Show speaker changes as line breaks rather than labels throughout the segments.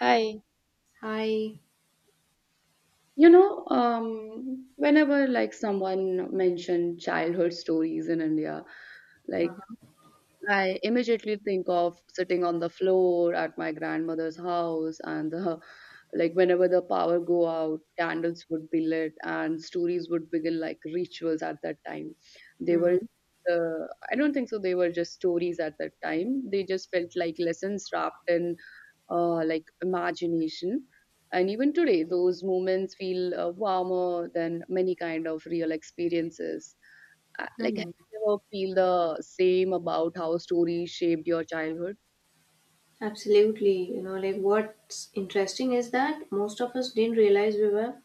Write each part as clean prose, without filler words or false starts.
Hi.
Hi.
Whenever someone mentioned childhood stories in India, like
Uh-huh.
I immediately think of sitting on the floor at my grandmother's house and the like whenever the power go out, candles would be lit and stories would begin like rituals at that time. They were
Mhm.
uh, I don't think so they were just stories at that time. They just felt like lessons wrapped in like imagination. And even today, those moments feel warmer than many kind of real experiences. Like, have
Mhm.
you ever feel the same about how stories shaped your childhood?
Absolutely. You know, like what's interesting is that most of us didn't realize we were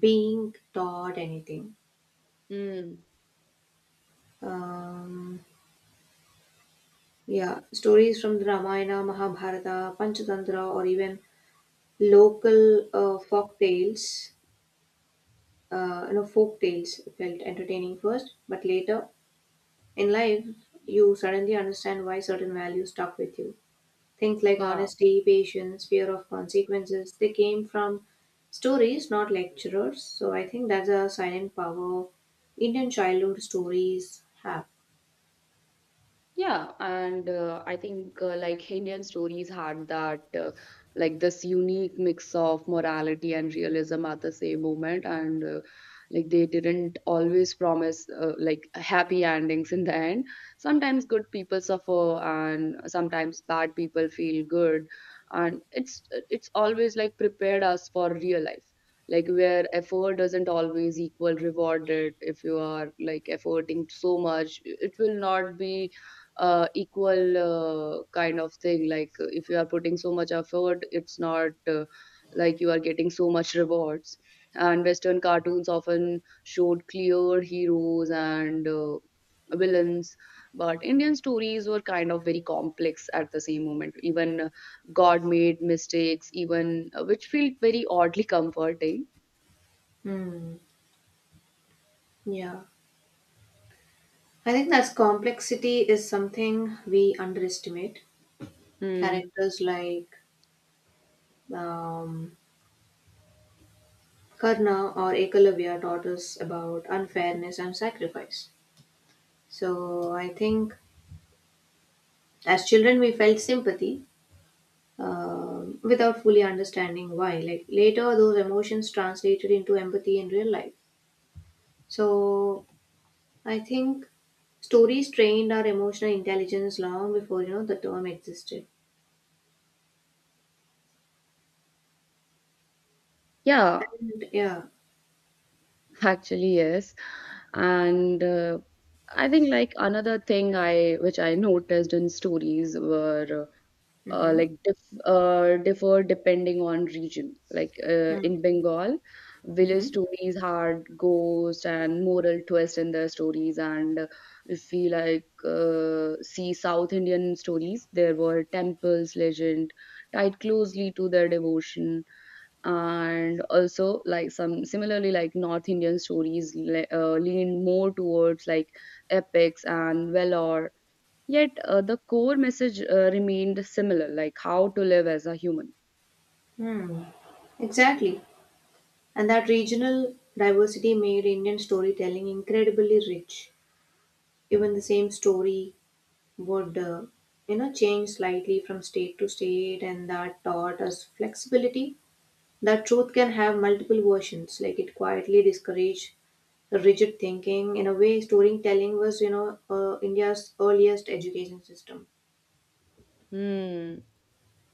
being taught anything.
Mm.
Um, yeah, stories from the Ramayana, Mahabharata, Panchatantra, or even local folk tales. Folk tales felt entertaining first, but later in life, you suddenly understand why certain values stuck with you. Things like
Yeah,
honesty, patience, fear of consequences, they came from stories, not lecturers. So I think that's a silent power Indian childhood stories have.
Yeah, and I think like Indian stories had that like this unique mix of morality and realism at the same moment, and like they didn't always promise like happy endings in the end. Sometimes good people suffer, and sometimes bad people feel good, and it's always like prepared us for real life. Like where effort doesn't always equal rewarded. If you are like efforting so much, it will not be equal kind of thing. Like if you are putting so much effort, it's not like you are getting so much rewards. And Western cartoons often showed clear heroes and villains, but Indian stories were kind of very complex at the same moment. Even God made mistakes, even which felt very oddly comforting.
Hmm. Yeah. I think that's complexity is something we underestimate.
Hmm.
Characters like um, Karna or Ekalavya taught us about unfairness and sacrifice. So I think as children we felt sympathy, without fully understanding why. Like later, those emotions translated into empathy in real life. So I think stories trained our emotional intelligence long before you know the term existed.
Yeah,
And yeah,
actually, yes. And I think like another thing I noticed in stories were
mm-hmm,
like differ depending on region, like in Bengal village
mm-hmm,
stories had ghosts and moral twist in their stories. And if we see South Indian stories, there were temples legend tied closely to their devotion, and also like some similarly like North Indian stories lean more towards like epics and valor. Yet the core message remained similar, like how to live as a human.
hmm, exactly. And that regional diversity made Indian storytelling incredibly rich. Even the same story would, change slightly from state to state, and that taught us flexibility. That truth can have multiple versions. Like it quietly discouraged rigid thinking. In a way, storytelling was, you know, India's earliest education system.
Hmm.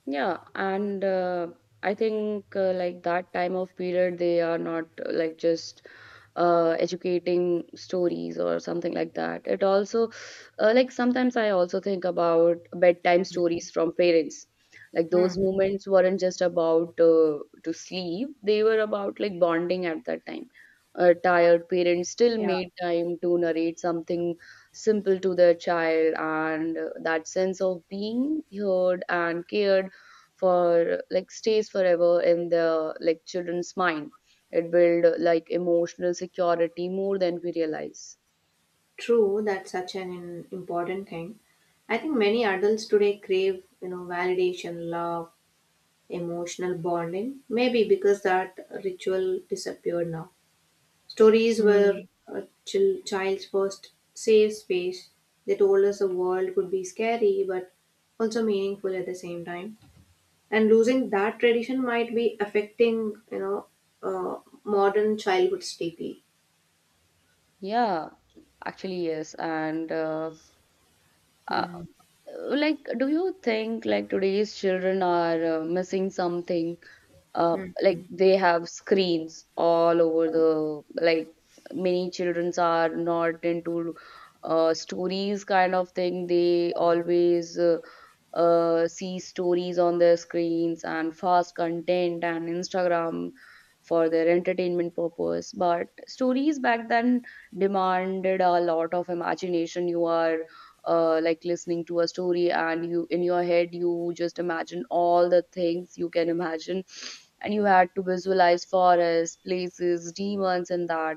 Yeah, and I think like that time of period, they are not like just educating stories or something like that. It also like sometimes I also think about bedtime stories from parents. Like
Hmm.
those moments weren't just about to sleep; they were about like bonding at that time. Tired parents still
Yeah.
made time to narrate something simple to their child, and that sense of being heard and cared for like stays forever in the like children's mind. It build like emotional security more than we realize.
True, that's such an important thing. I think many adults today crave, you know, validation, love, emotional bonding. Maybe because that ritual disappeared now. Stories were
Mm.
a child's first safe space. They told us the world could be scary but also meaningful at the same time. And losing that tradition might be affecting, you know, modern childhoods deeply.
Yeah, actually yes. And uh,
Mm.
like, do you think like today's children are missing something?
Mm.
Like they have screens all over the like many childrens are not into stories kind of thing. They always see stories on their screens and fast content and Instagram for their entertainment purpose. But stories back then demanded a lot of imagination. You are like listening to a story, and you in your head you just imagine all the things you can imagine, and you had to visualize forests, places, demons and that.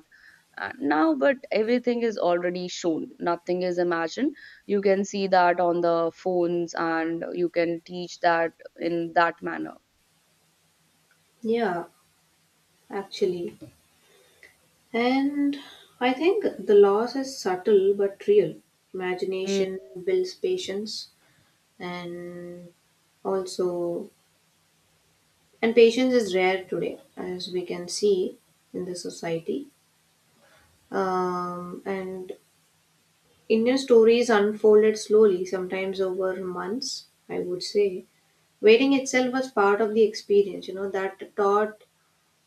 Now but everything is already shown, nothing is imagined. You can see that on the phones and you can teach that in that manner.
Yeah, actually. And I think the loss is subtle but real.
Mm,
Imagination builds patience and also. And patience is rare today, as we can see in the society. And Indian stories unfolded slowly, sometimes over months, I would say. Waiting itself was part of the experience, you know, that taught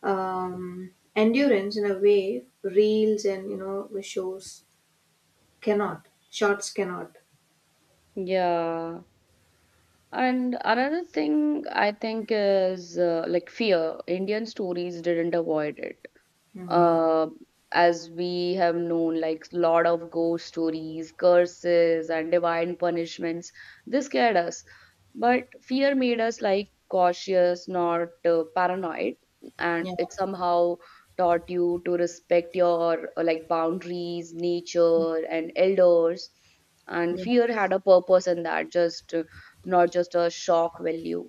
endurance in a way reels and, you know, shows cannot, shots cannot.
yeah. And another thing I think is like fear, Indian stories didn't avoid it.
Hmm.
uh, as we have known, like lot of ghost stories, curses and divine punishments, this scared us. But fear made us like cautious, not paranoid. And
Yeah,
it somehow taught you to respect your like boundaries, nature and elders. And
yeah.
fear had a purpose in that, just not just a shock value.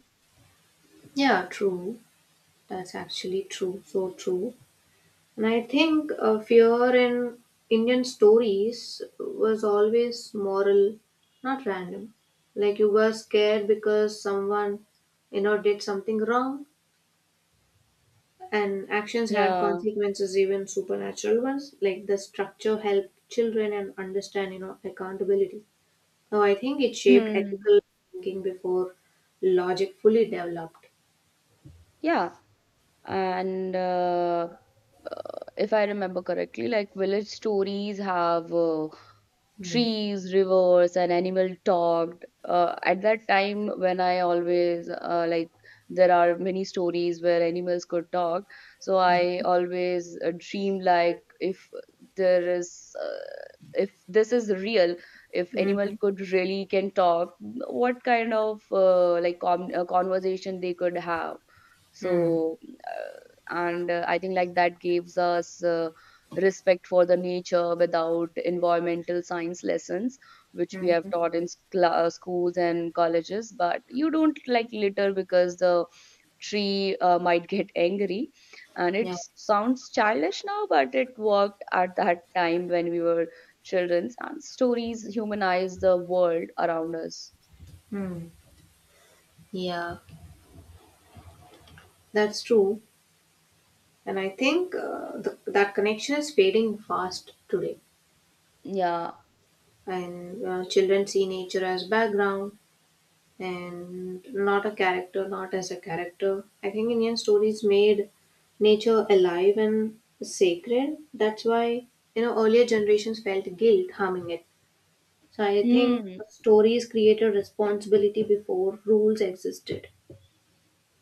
Yeah, true. That's actually true. So true. And I think fear in Indian stories was always moral, not random. Like you were scared because someone, you know, did something wrong, and actions had
Yeah.
consequences, even supernatural ones. Like the structure helped children and understand, you know, accountability. So I think it shaped
Hmm.
ethical thinking before logic fully developed.
Yeah, and if I remember correctly, like village stories have
Mm.
trees, rivers and animal talked at that time. When I always there are many stories where animals could talk, so I
Mm.
always dream like if there is if this is real, if animal
Mhm.
could really can talk, what kind of conversation they could have.
Mm.
So and I think like that gives us respect for the nature without environmental science lessons, which we have
Mhm.
taught in schools and colleges. But you don't like litter because the tree might get angry. And it
Yeah.
sounds childish now, but it worked at that time when we were children, and stories humanize the world around us.
Mm. Yeah, that's true. And I think that connection is fading fast today.
Yeah.
And children see nature as background and not as a character. I think Indian stories made nature alive and sacred. That's why, you know, earlier generations felt guilt harming it. So I think
Hmm.
stories created responsibility before rules existed.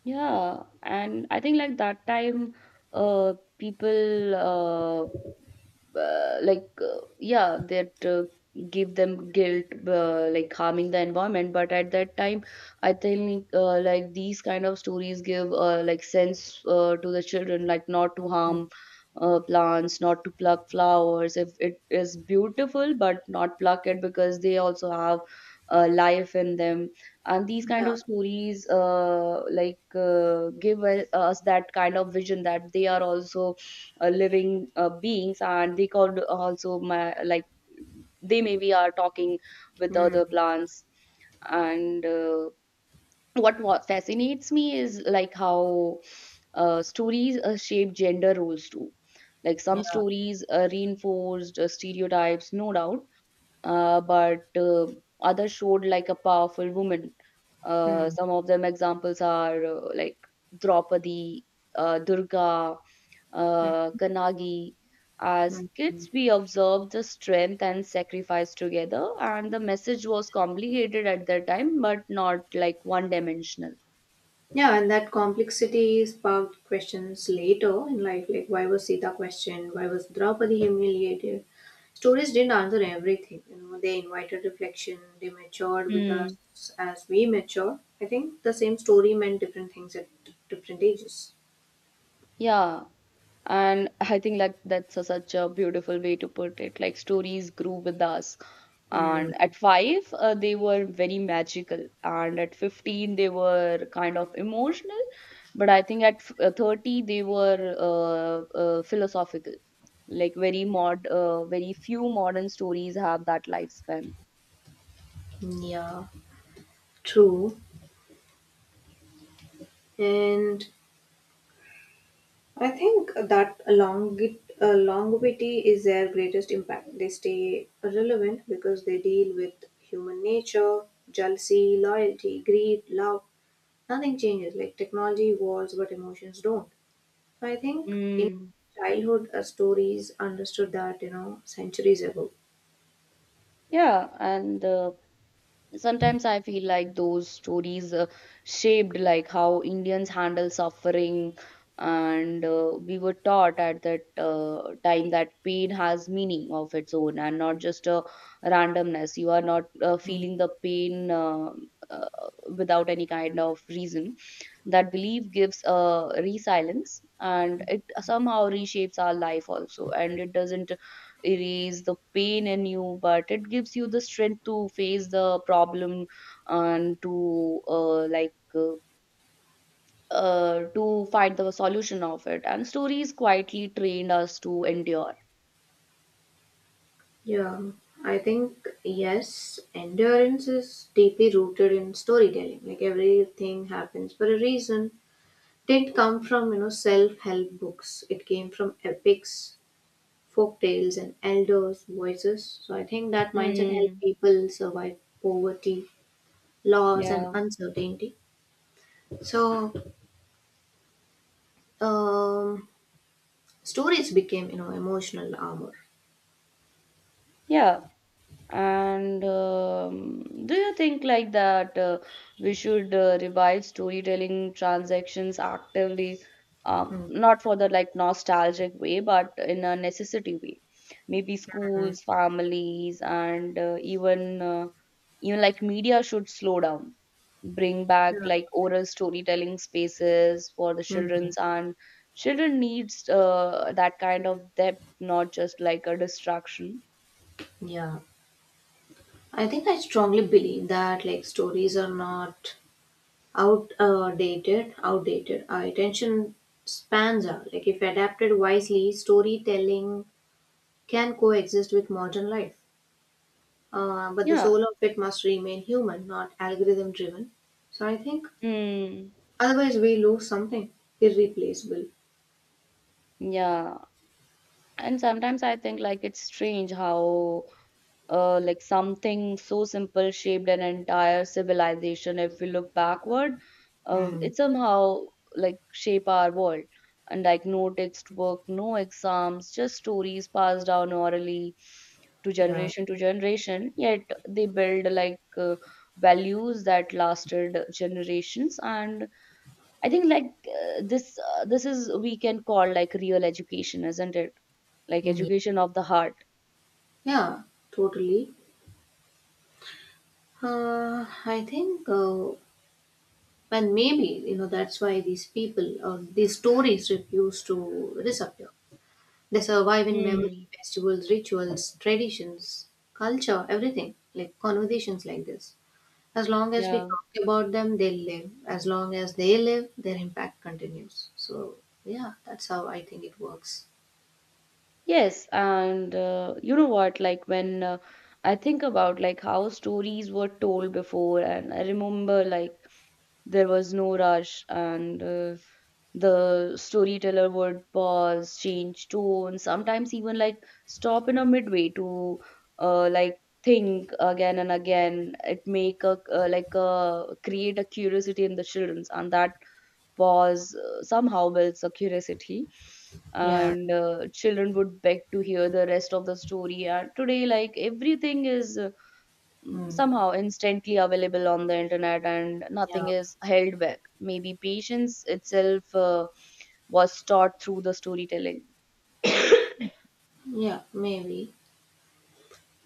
Yeah, and I think like that time, people, yeah that give them guilt like harming the environment. But at that time I think like these kind of stories give like sense to the children like not to harm plants, not to pluck flowers. If it is beautiful, but not pluck it because they also have life in them. And these kind
Yeah,
of stories give us that kind of vision that they are also living beings, and they could also they maybe are talking with the other plants. And What fascinates me is like how stories shape gender roles too. Like some stories reinforced stereotypes, no doubt, but others showed like a powerful woman.
mm-hmm.
Some of them examples are like Draupadi, Durga, Kanagi. As kids, we observed the strength and sacrifice together, and the message was complicated at that time, but not like one dimensional.
Yeah, and that complexity sparked questions later in life, like why was Sita questioned? Why was Draupadi humiliated? Stories didn't answer everything. You know, they invited reflection. They matured with us
Hmm.
as we mature. I think the same story meant different things at different ages.
Yeah, and I think like that's a, such a beautiful way to put it. Like stories grew with us.
Hmm.
And at 5 they were very magical, and at 15 they were kind of emotional, but I think at 30 they were philosophical. Like very mod very few modern stories have that lifespan.
Yeah, true. And I think that longevity is their greatest impact. They stay relevant because they deal with human nature, jealousy, loyalty, greed, love. Nothing changes. Like technology evolves, but emotions don't. So I think in
Mm.
childhood, stories understood that, you know, centuries ago.
Yeah, and sometimes I feel like those stories shaped like how Indians handle suffering. And we were taught at that time that pain has meaning of its own and not just a randomness. You are not
Mm.
feeling the pain uh, without any kind of reason. That belief gives a resilience, and it somehow reshapes our life also, and it doesn't erase the pain in you, but it gives you the strength to face the problem and to to find the solution of it. And stories quietly trained us to endure.
Yeah, I think yes, endurance is deeply rooted in storytelling. Like everything happens for a reason, didn't come from, you know, self-help books. It came from epics, folk tales and elders voices. So I think that mindset helped
Hmm.
people survive poverty, loss and
Yeah.
uncertainty. So um, stories became, you know, emotional armor.
Yeah. And do you think like that we should revive storytelling transactions actively,
Hmm.
not for the like nostalgic way, but in a necessity way? Maybe schools, families, and even like media should slow down, bring
Yeah.
back like oral storytelling spaces for the
Hmm.
children's, and children needs that kind of depth, not just like a distraction.
Yeah, I think I strongly believe that like stories are not outdated. outdated. Our attention spans are like, if adapted wisely, storytelling can coexist with modern life. But the
Yeah.
soul of it must remain human, not algorithm driven. So I think
Hmm.
otherwise we lose something irreplaceable.
Yeah, and sometimes I think like it's strange how something so simple shaped an entire civilization if we look backward.
Mm,
It somehow like shape our world. And like no textbook, no exams, just stories passed down orally to
yeah.
generation to generation. Yet they build values that lasted generations. And I think this is we can call like real education, isn't it? Like
Mm,
education of the heart.
yeah, totally. Uh, I think, uh, and maybe, you know, that's why these people or these stories refuse to disappear. They survive in memory,
Hmm.
festivals, rituals, traditions, culture, everything, like conversations like this. As long as we
Yeah.
talk about them, they live. As long as they live, their impact continues. So, yeah, that's how I think it works.
Yes, and you know what? Like when I think about like how stories were told before, and I remember like there was no rush. And the storyteller would pause, change tone, sometimes even like stop in a midway to like think again and again. It make a create a curiosity in the childrens, and that pause somehow builds a curiosity.
Yeah.
And children would beg to hear the rest of the story. And today like everything is
Hmm.
somehow instantly available on the internet and
Yeah.
nothing is held back. Maybe patience itself was taught through the storytelling.
Yeah, maybe.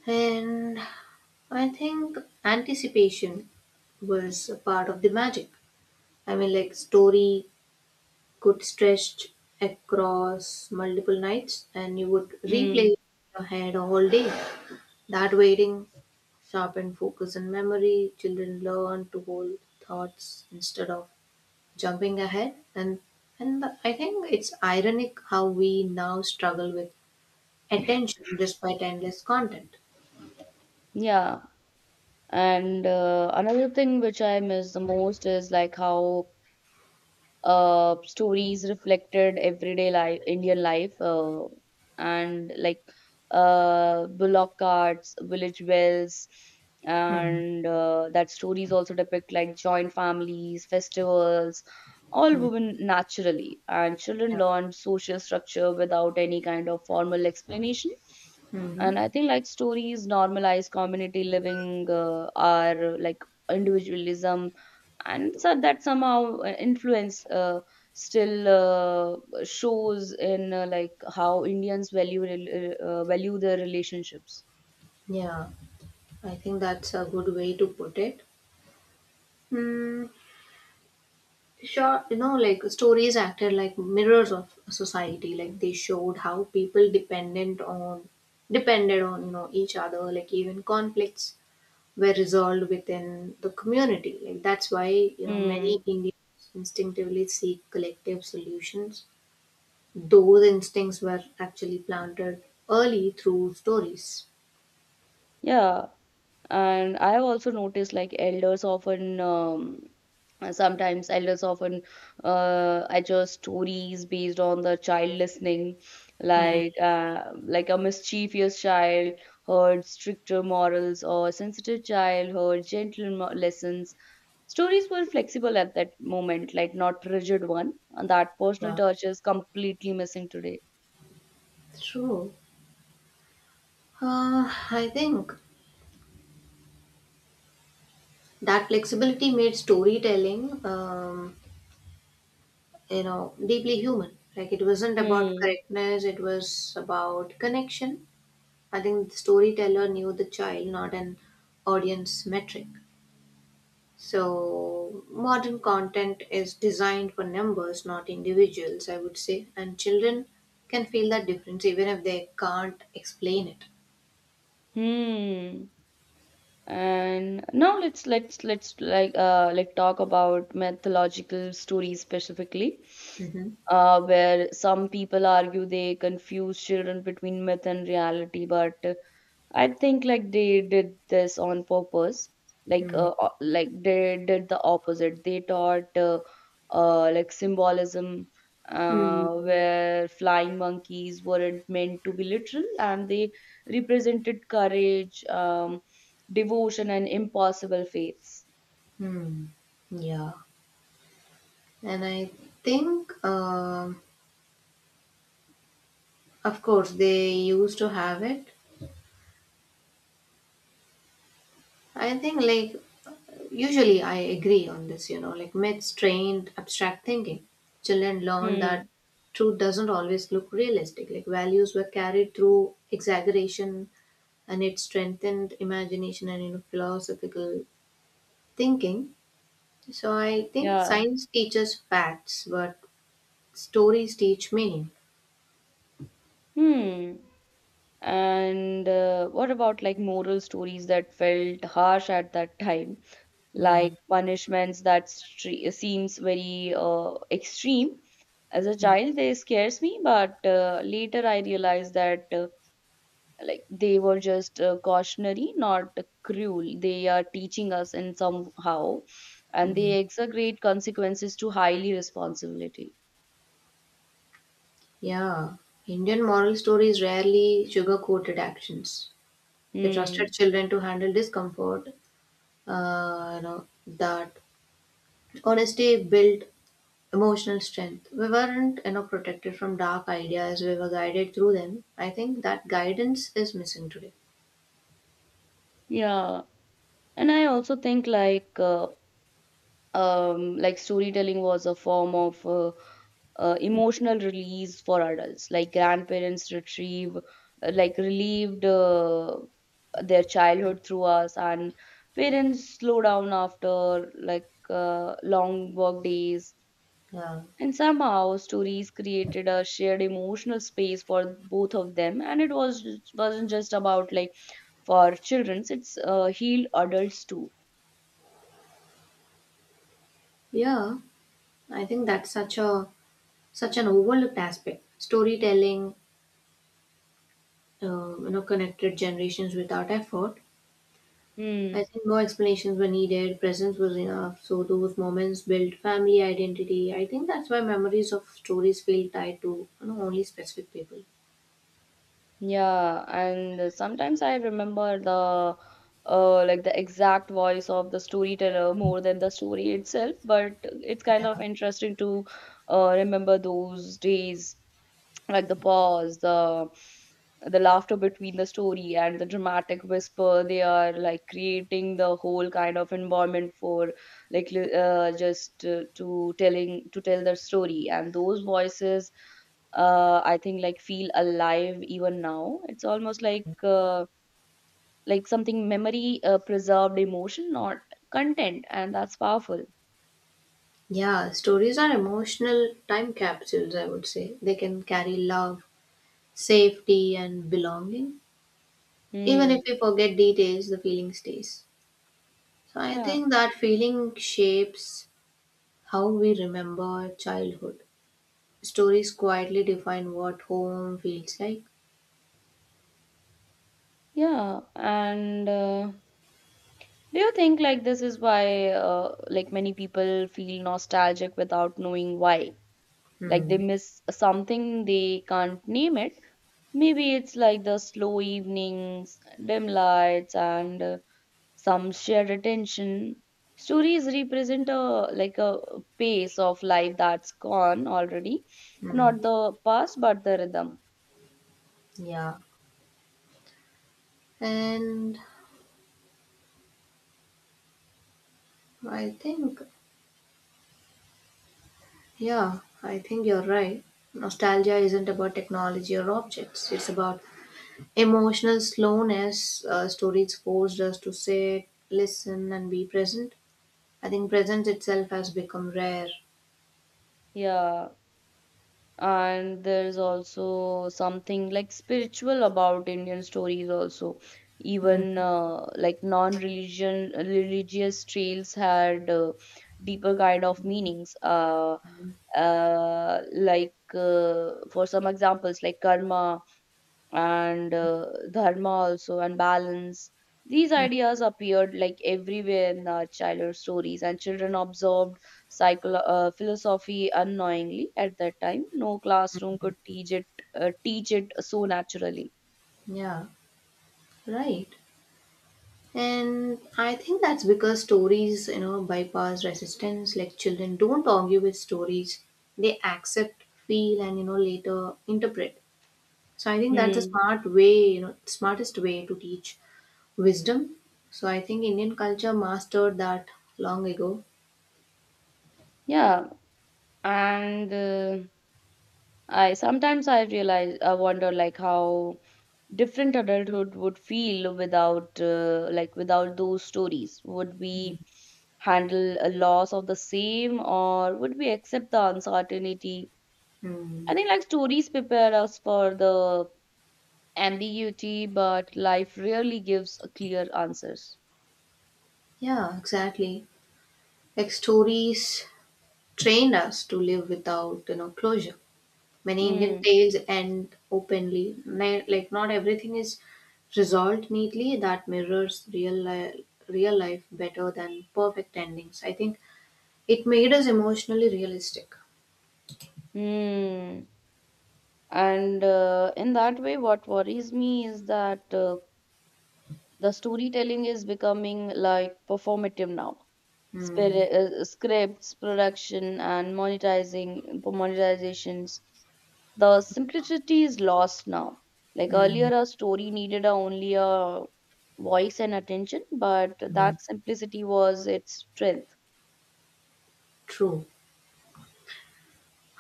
And I think anticipation was a part of the magic. I mean, like, story could stretch across multiple nights and you would replay
Mm,
it in your head all day. That waiting sharpened focus and memory. Children learn to hold thoughts instead of jumping ahead. And I think it's ironic how we now struggle with attention despite endless content.
yeah. And another thing which I miss the most is like how stories reflected everyday life, Indian life, and like bullock carts, village wells, and that stories also depict like joint families, festivals, all women naturally, and children
Yeah.
learn social structure without any kind of formal explanation.
Hmm.
And I think like stories normalize community living, are like individualism, and so that somehow influence still shows in like how Indians value value their relationships.
Yeah, I think that's a good way to put it. Hmm. Sure, you know, like stories acted like mirrors of society. Like they showed how people dependent on depended on, you know, each other. Like even conflicts were resolved within the community. Like that's why, you know, many
Mm,
Indians instinctively seek collective solutions. Those instincts were actually planted early through stories.
yeah, and I've also noticed like elders often, sometimes elders often adjust stories based on the child listening, like a mischievous child heard stricter morals, or sensitive child heard gentle lessons. Stories were flexible at that moment, like not rigid one, and that personal
Wow.
touch is completely missing today.
True. Uh, I think that flexibility made storytelling, you know, deeply human. Like it wasn't about
Hmm.
correctness; it was about connection. I think the storyteller knew the child, not an audience metric. So, modern content is designed for numbers, not individuals, I would say, and children can feel that difference even if they can't explain it.
Hmm. And now let's like talk about mythological stories specifically,
Hmm.
where some people argue they confuse children between myth and reality, but I think like they did this on purpose.
Mm.
Like they did the opposite. They taught like symbolism where flying monkeys weren't meant to be literal and they represented courage, devotion and impossible faiths.
Hmm. Yeah. And I think, of course, they used to have it. I think, like, usually I agree on this, you know, like myths trained abstract thinking. Children learn that
Hmm.
truth doesn't always look realistic, like, values were carried through exaggeration, and it strengthened imagination and, you know, philosophical thinking. So I think
Yeah.
science teaches facts, but stories teach meaning.
Hmm. And what about like moral stories that felt harsh at that time? like
Mm,
punishments that stre- seems very extreme as a
mm,
child they scares me but later I realized that like they were just cautionary, not cruel. They are teaching us in somehow and
mm.
they exaggerate consequences to highly responsibility.
Yeah, Indian moral stories rarely sugarcoated actions. They trusted
Hmm.
children to handle discomfort. You know that honesty built emotional strength. We weren't, you know, protected from dark ideas. We were guided through them. I think that guidance is missing today.
Yeah. And I also think like like storytelling was a form of emotional release for adults. Like grandparents retrieve like relieved their childhood through us and parents slow down after long work days
Yeah.
and somehow stories created a shared emotional space for both of them, and it was wasn't just about like for children, it's healed adults too.
Yeah. I think that's such a such an overlooked aspect. Storytelling, you know, connected generations without effort. I
Hmm
think no explanations were needed. Presence was enough. So those moments built family identity. I think that's why memories of stories feel tied to, you know, only specific people.
Yeah, and sometimes I remember the like the exact voice of the storyteller more than the story itself, but it's kind of
Yeah.
interesting to remember those days, like the pause, the laughter between the story and the dramatic whisper. They are like creating the whole kind of environment for like li- just to telling to tell their story, and those voices, I think like feel alive even now. It's almost like something memory preserved emotion, not content, and that's powerful.
Yeah, stories are emotional time capsules, I would say. They can carry love, safety, and belonging. Even
Hmm.
if we forget details, the feeling stays. So I
yeah
think that feeling shapes how we remember childhood. Stories quietly define what home feels like.
yeah, and do you think like this is why like many people feel nostalgic without knowing why? Like they
Hmm.
miss something they can't name it. Maybe it's like the slow evenings, dim lights, and some shared attention. Stories represent a like a pace of life that's gone already,
Hmm.
not the past but the rhythm.
Yeah. And I think, yeah, I think you're right. Nostalgia isn't about technology or objects, it's about emotional slowness. Stories forced us to sit, listen, and be present. I think presence itself has become rare.
Yeah. And there's also something like spiritual about Indian stories also.
Hmm.
Even like non-religion religious tales had deeper kind of meanings. Like for some examples, like karma and dharma also and balance. These ideas appeared like everywhere in our childhood stories, and children observed philosophy unknowingly at that time. No classroom could teach it so naturally.
Yeah, right. And I think that's because stories, you know, bypass resistance. Like children don't argue with stories, they accept, feel, and, you know, later interpret. So I think that's the
Hmm.
smart way, you know, smartest way to teach wisdom. So I think Indian culture mastered that long ago.
Yeah and I sometimes I realize I wonder like how different adulthood would feel without like without those stories. Would we handle a loss of the same or would we accept the uncertainty?
Hmm.
I think like stories prepare us for the ambiguity, but life rarely gives a clear answers.
Yeah, exactly. Like stories trained us to live without, you know, closure. Many Indian
Hmm.
tales end openly. Like not everything is resolved neatly. That mirrors real life better than perfect endings. I think it made us emotionally realistic.
Hmm. And in that way, what worries me is that the storytelling is becoming like performative now.
Hmm.
Scripts, production, and monetizing monetizations. The simplicity is lost now. Like
Hmm.
earlier, a story needed only a voice and attention, but
Hmm.
that simplicity was its strength.
True.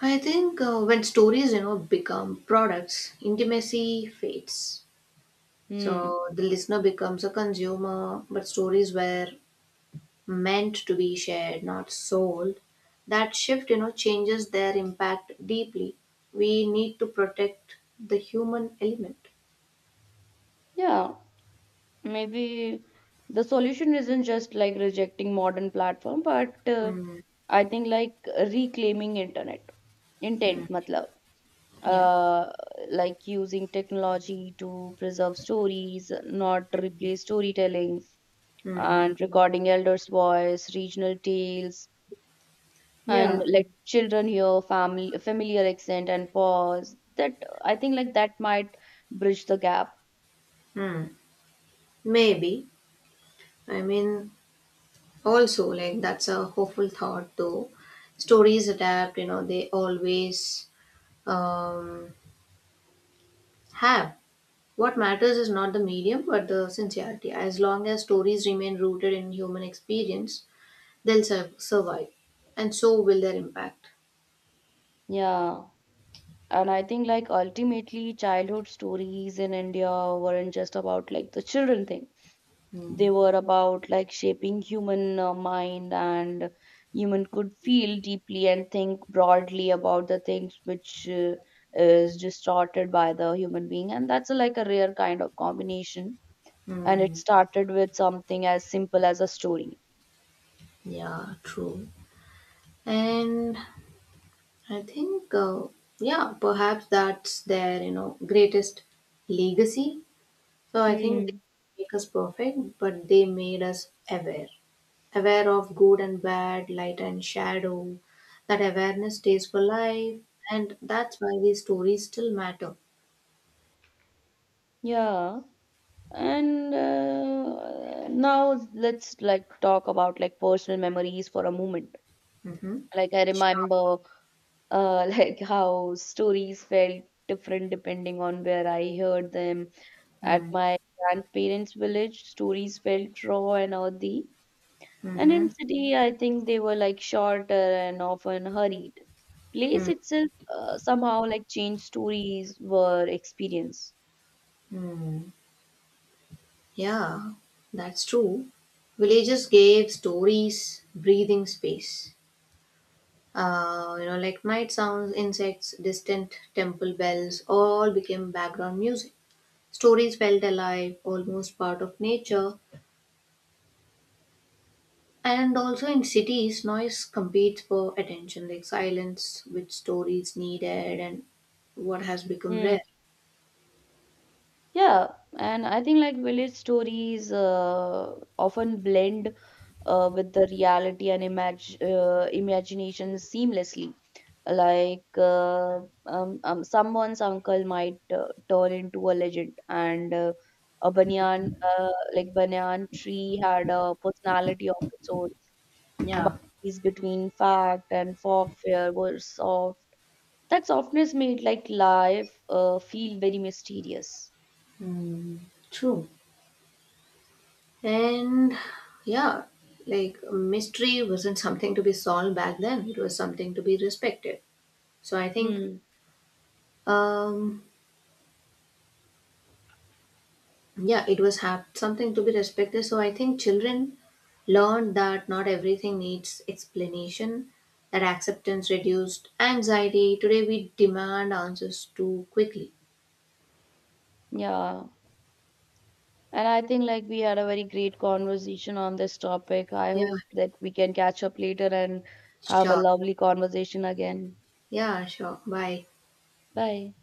I think when stories, you know, become products, intimacy fades.
Hmm.
So the listener becomes a consumer, but stories where meant to be shared, not sold. That shift, you know, changes their impact deeply. We need to protect the human element.
Yeah, maybe the solution isn't just like rejecting modern platform, but
Mm,
I think like reclaiming internet
mm,
intent, matlab.
yeah.
uh, like using technology to preserve stories, not replace storytelling,
Mm,
and recording elders' voice, regional tales, and
yeah.
let children hear family familiar accent and pause. That I think like that might bridge the gap.
Mm, maybe. I mean, also, like, that's a hopeful thought, though. Stories adapt, you know, they always um, have. What matters is not the medium, but the sincerity. As long as stories remain rooted in human experience, they'll survive, and so will their impact.
Yeah. And I think like ultimately childhood stories in India weren't just about like the children thing. They
Mm,
were about like shaping human mind and human could feel deeply and think broadly about the things which is distorted by the human being, and that's a, like a rare kind of combination, and it
mm,
started with something as simple as a story.
yeah, true. And I think, uh, yeah, perhaps that's their, you know, greatest legacy. So I think they
Hmm.
didn't make us perfect, but they made us aware, aware of good and bad, light and shadow. That awareness stays for life, and that's why these stories still matter.
Yeah. And now let's like talk about like personal memories for a moment.
Mm-hmm.
Like I
Sure.
remember like how stories felt different depending on where I heard them. At
Mm,
my grandparents' village, stories felt raw and earthy, and
mm-hmm,
in city, I think they were like shorter and often hurried. Place
mm,
itself somehow like changed stories were experienced.
mm. Yeah, that's true. Villages gave stories breathing space. You know, like night sounds, insects, distant temple bells, all became background music. Stories felt alive, almost part of nature. And also in cities, noise competes for attention, like silence, which stories needed, and what has become
Mm,
rare.
yeah, and I think like village stories often blend with the reality and imagination seamlessly. Like someone's uncle might turn into a legend, and a banyan like banyan tree had a personality of its own.
Yeah.
Boundaries between fact and folklore were soft. That softness made like life feel very mysterious.
Mm. And yeah, like mystery wasn't something to be solved back then, it was something to be respected. So I think,
Hmm.
um, yeah, it was have something to be respected. So I think children learned that not everything needs explanation, that acceptance reduced anxiety. Today we demand answers too quickly.
Yeah. And I think like we had a very great conversation on this topic. I
Yeah,
hope that we can catch up later and have a
sure.
lovely conversation again.
Yeah, sure. Bye.
Bye.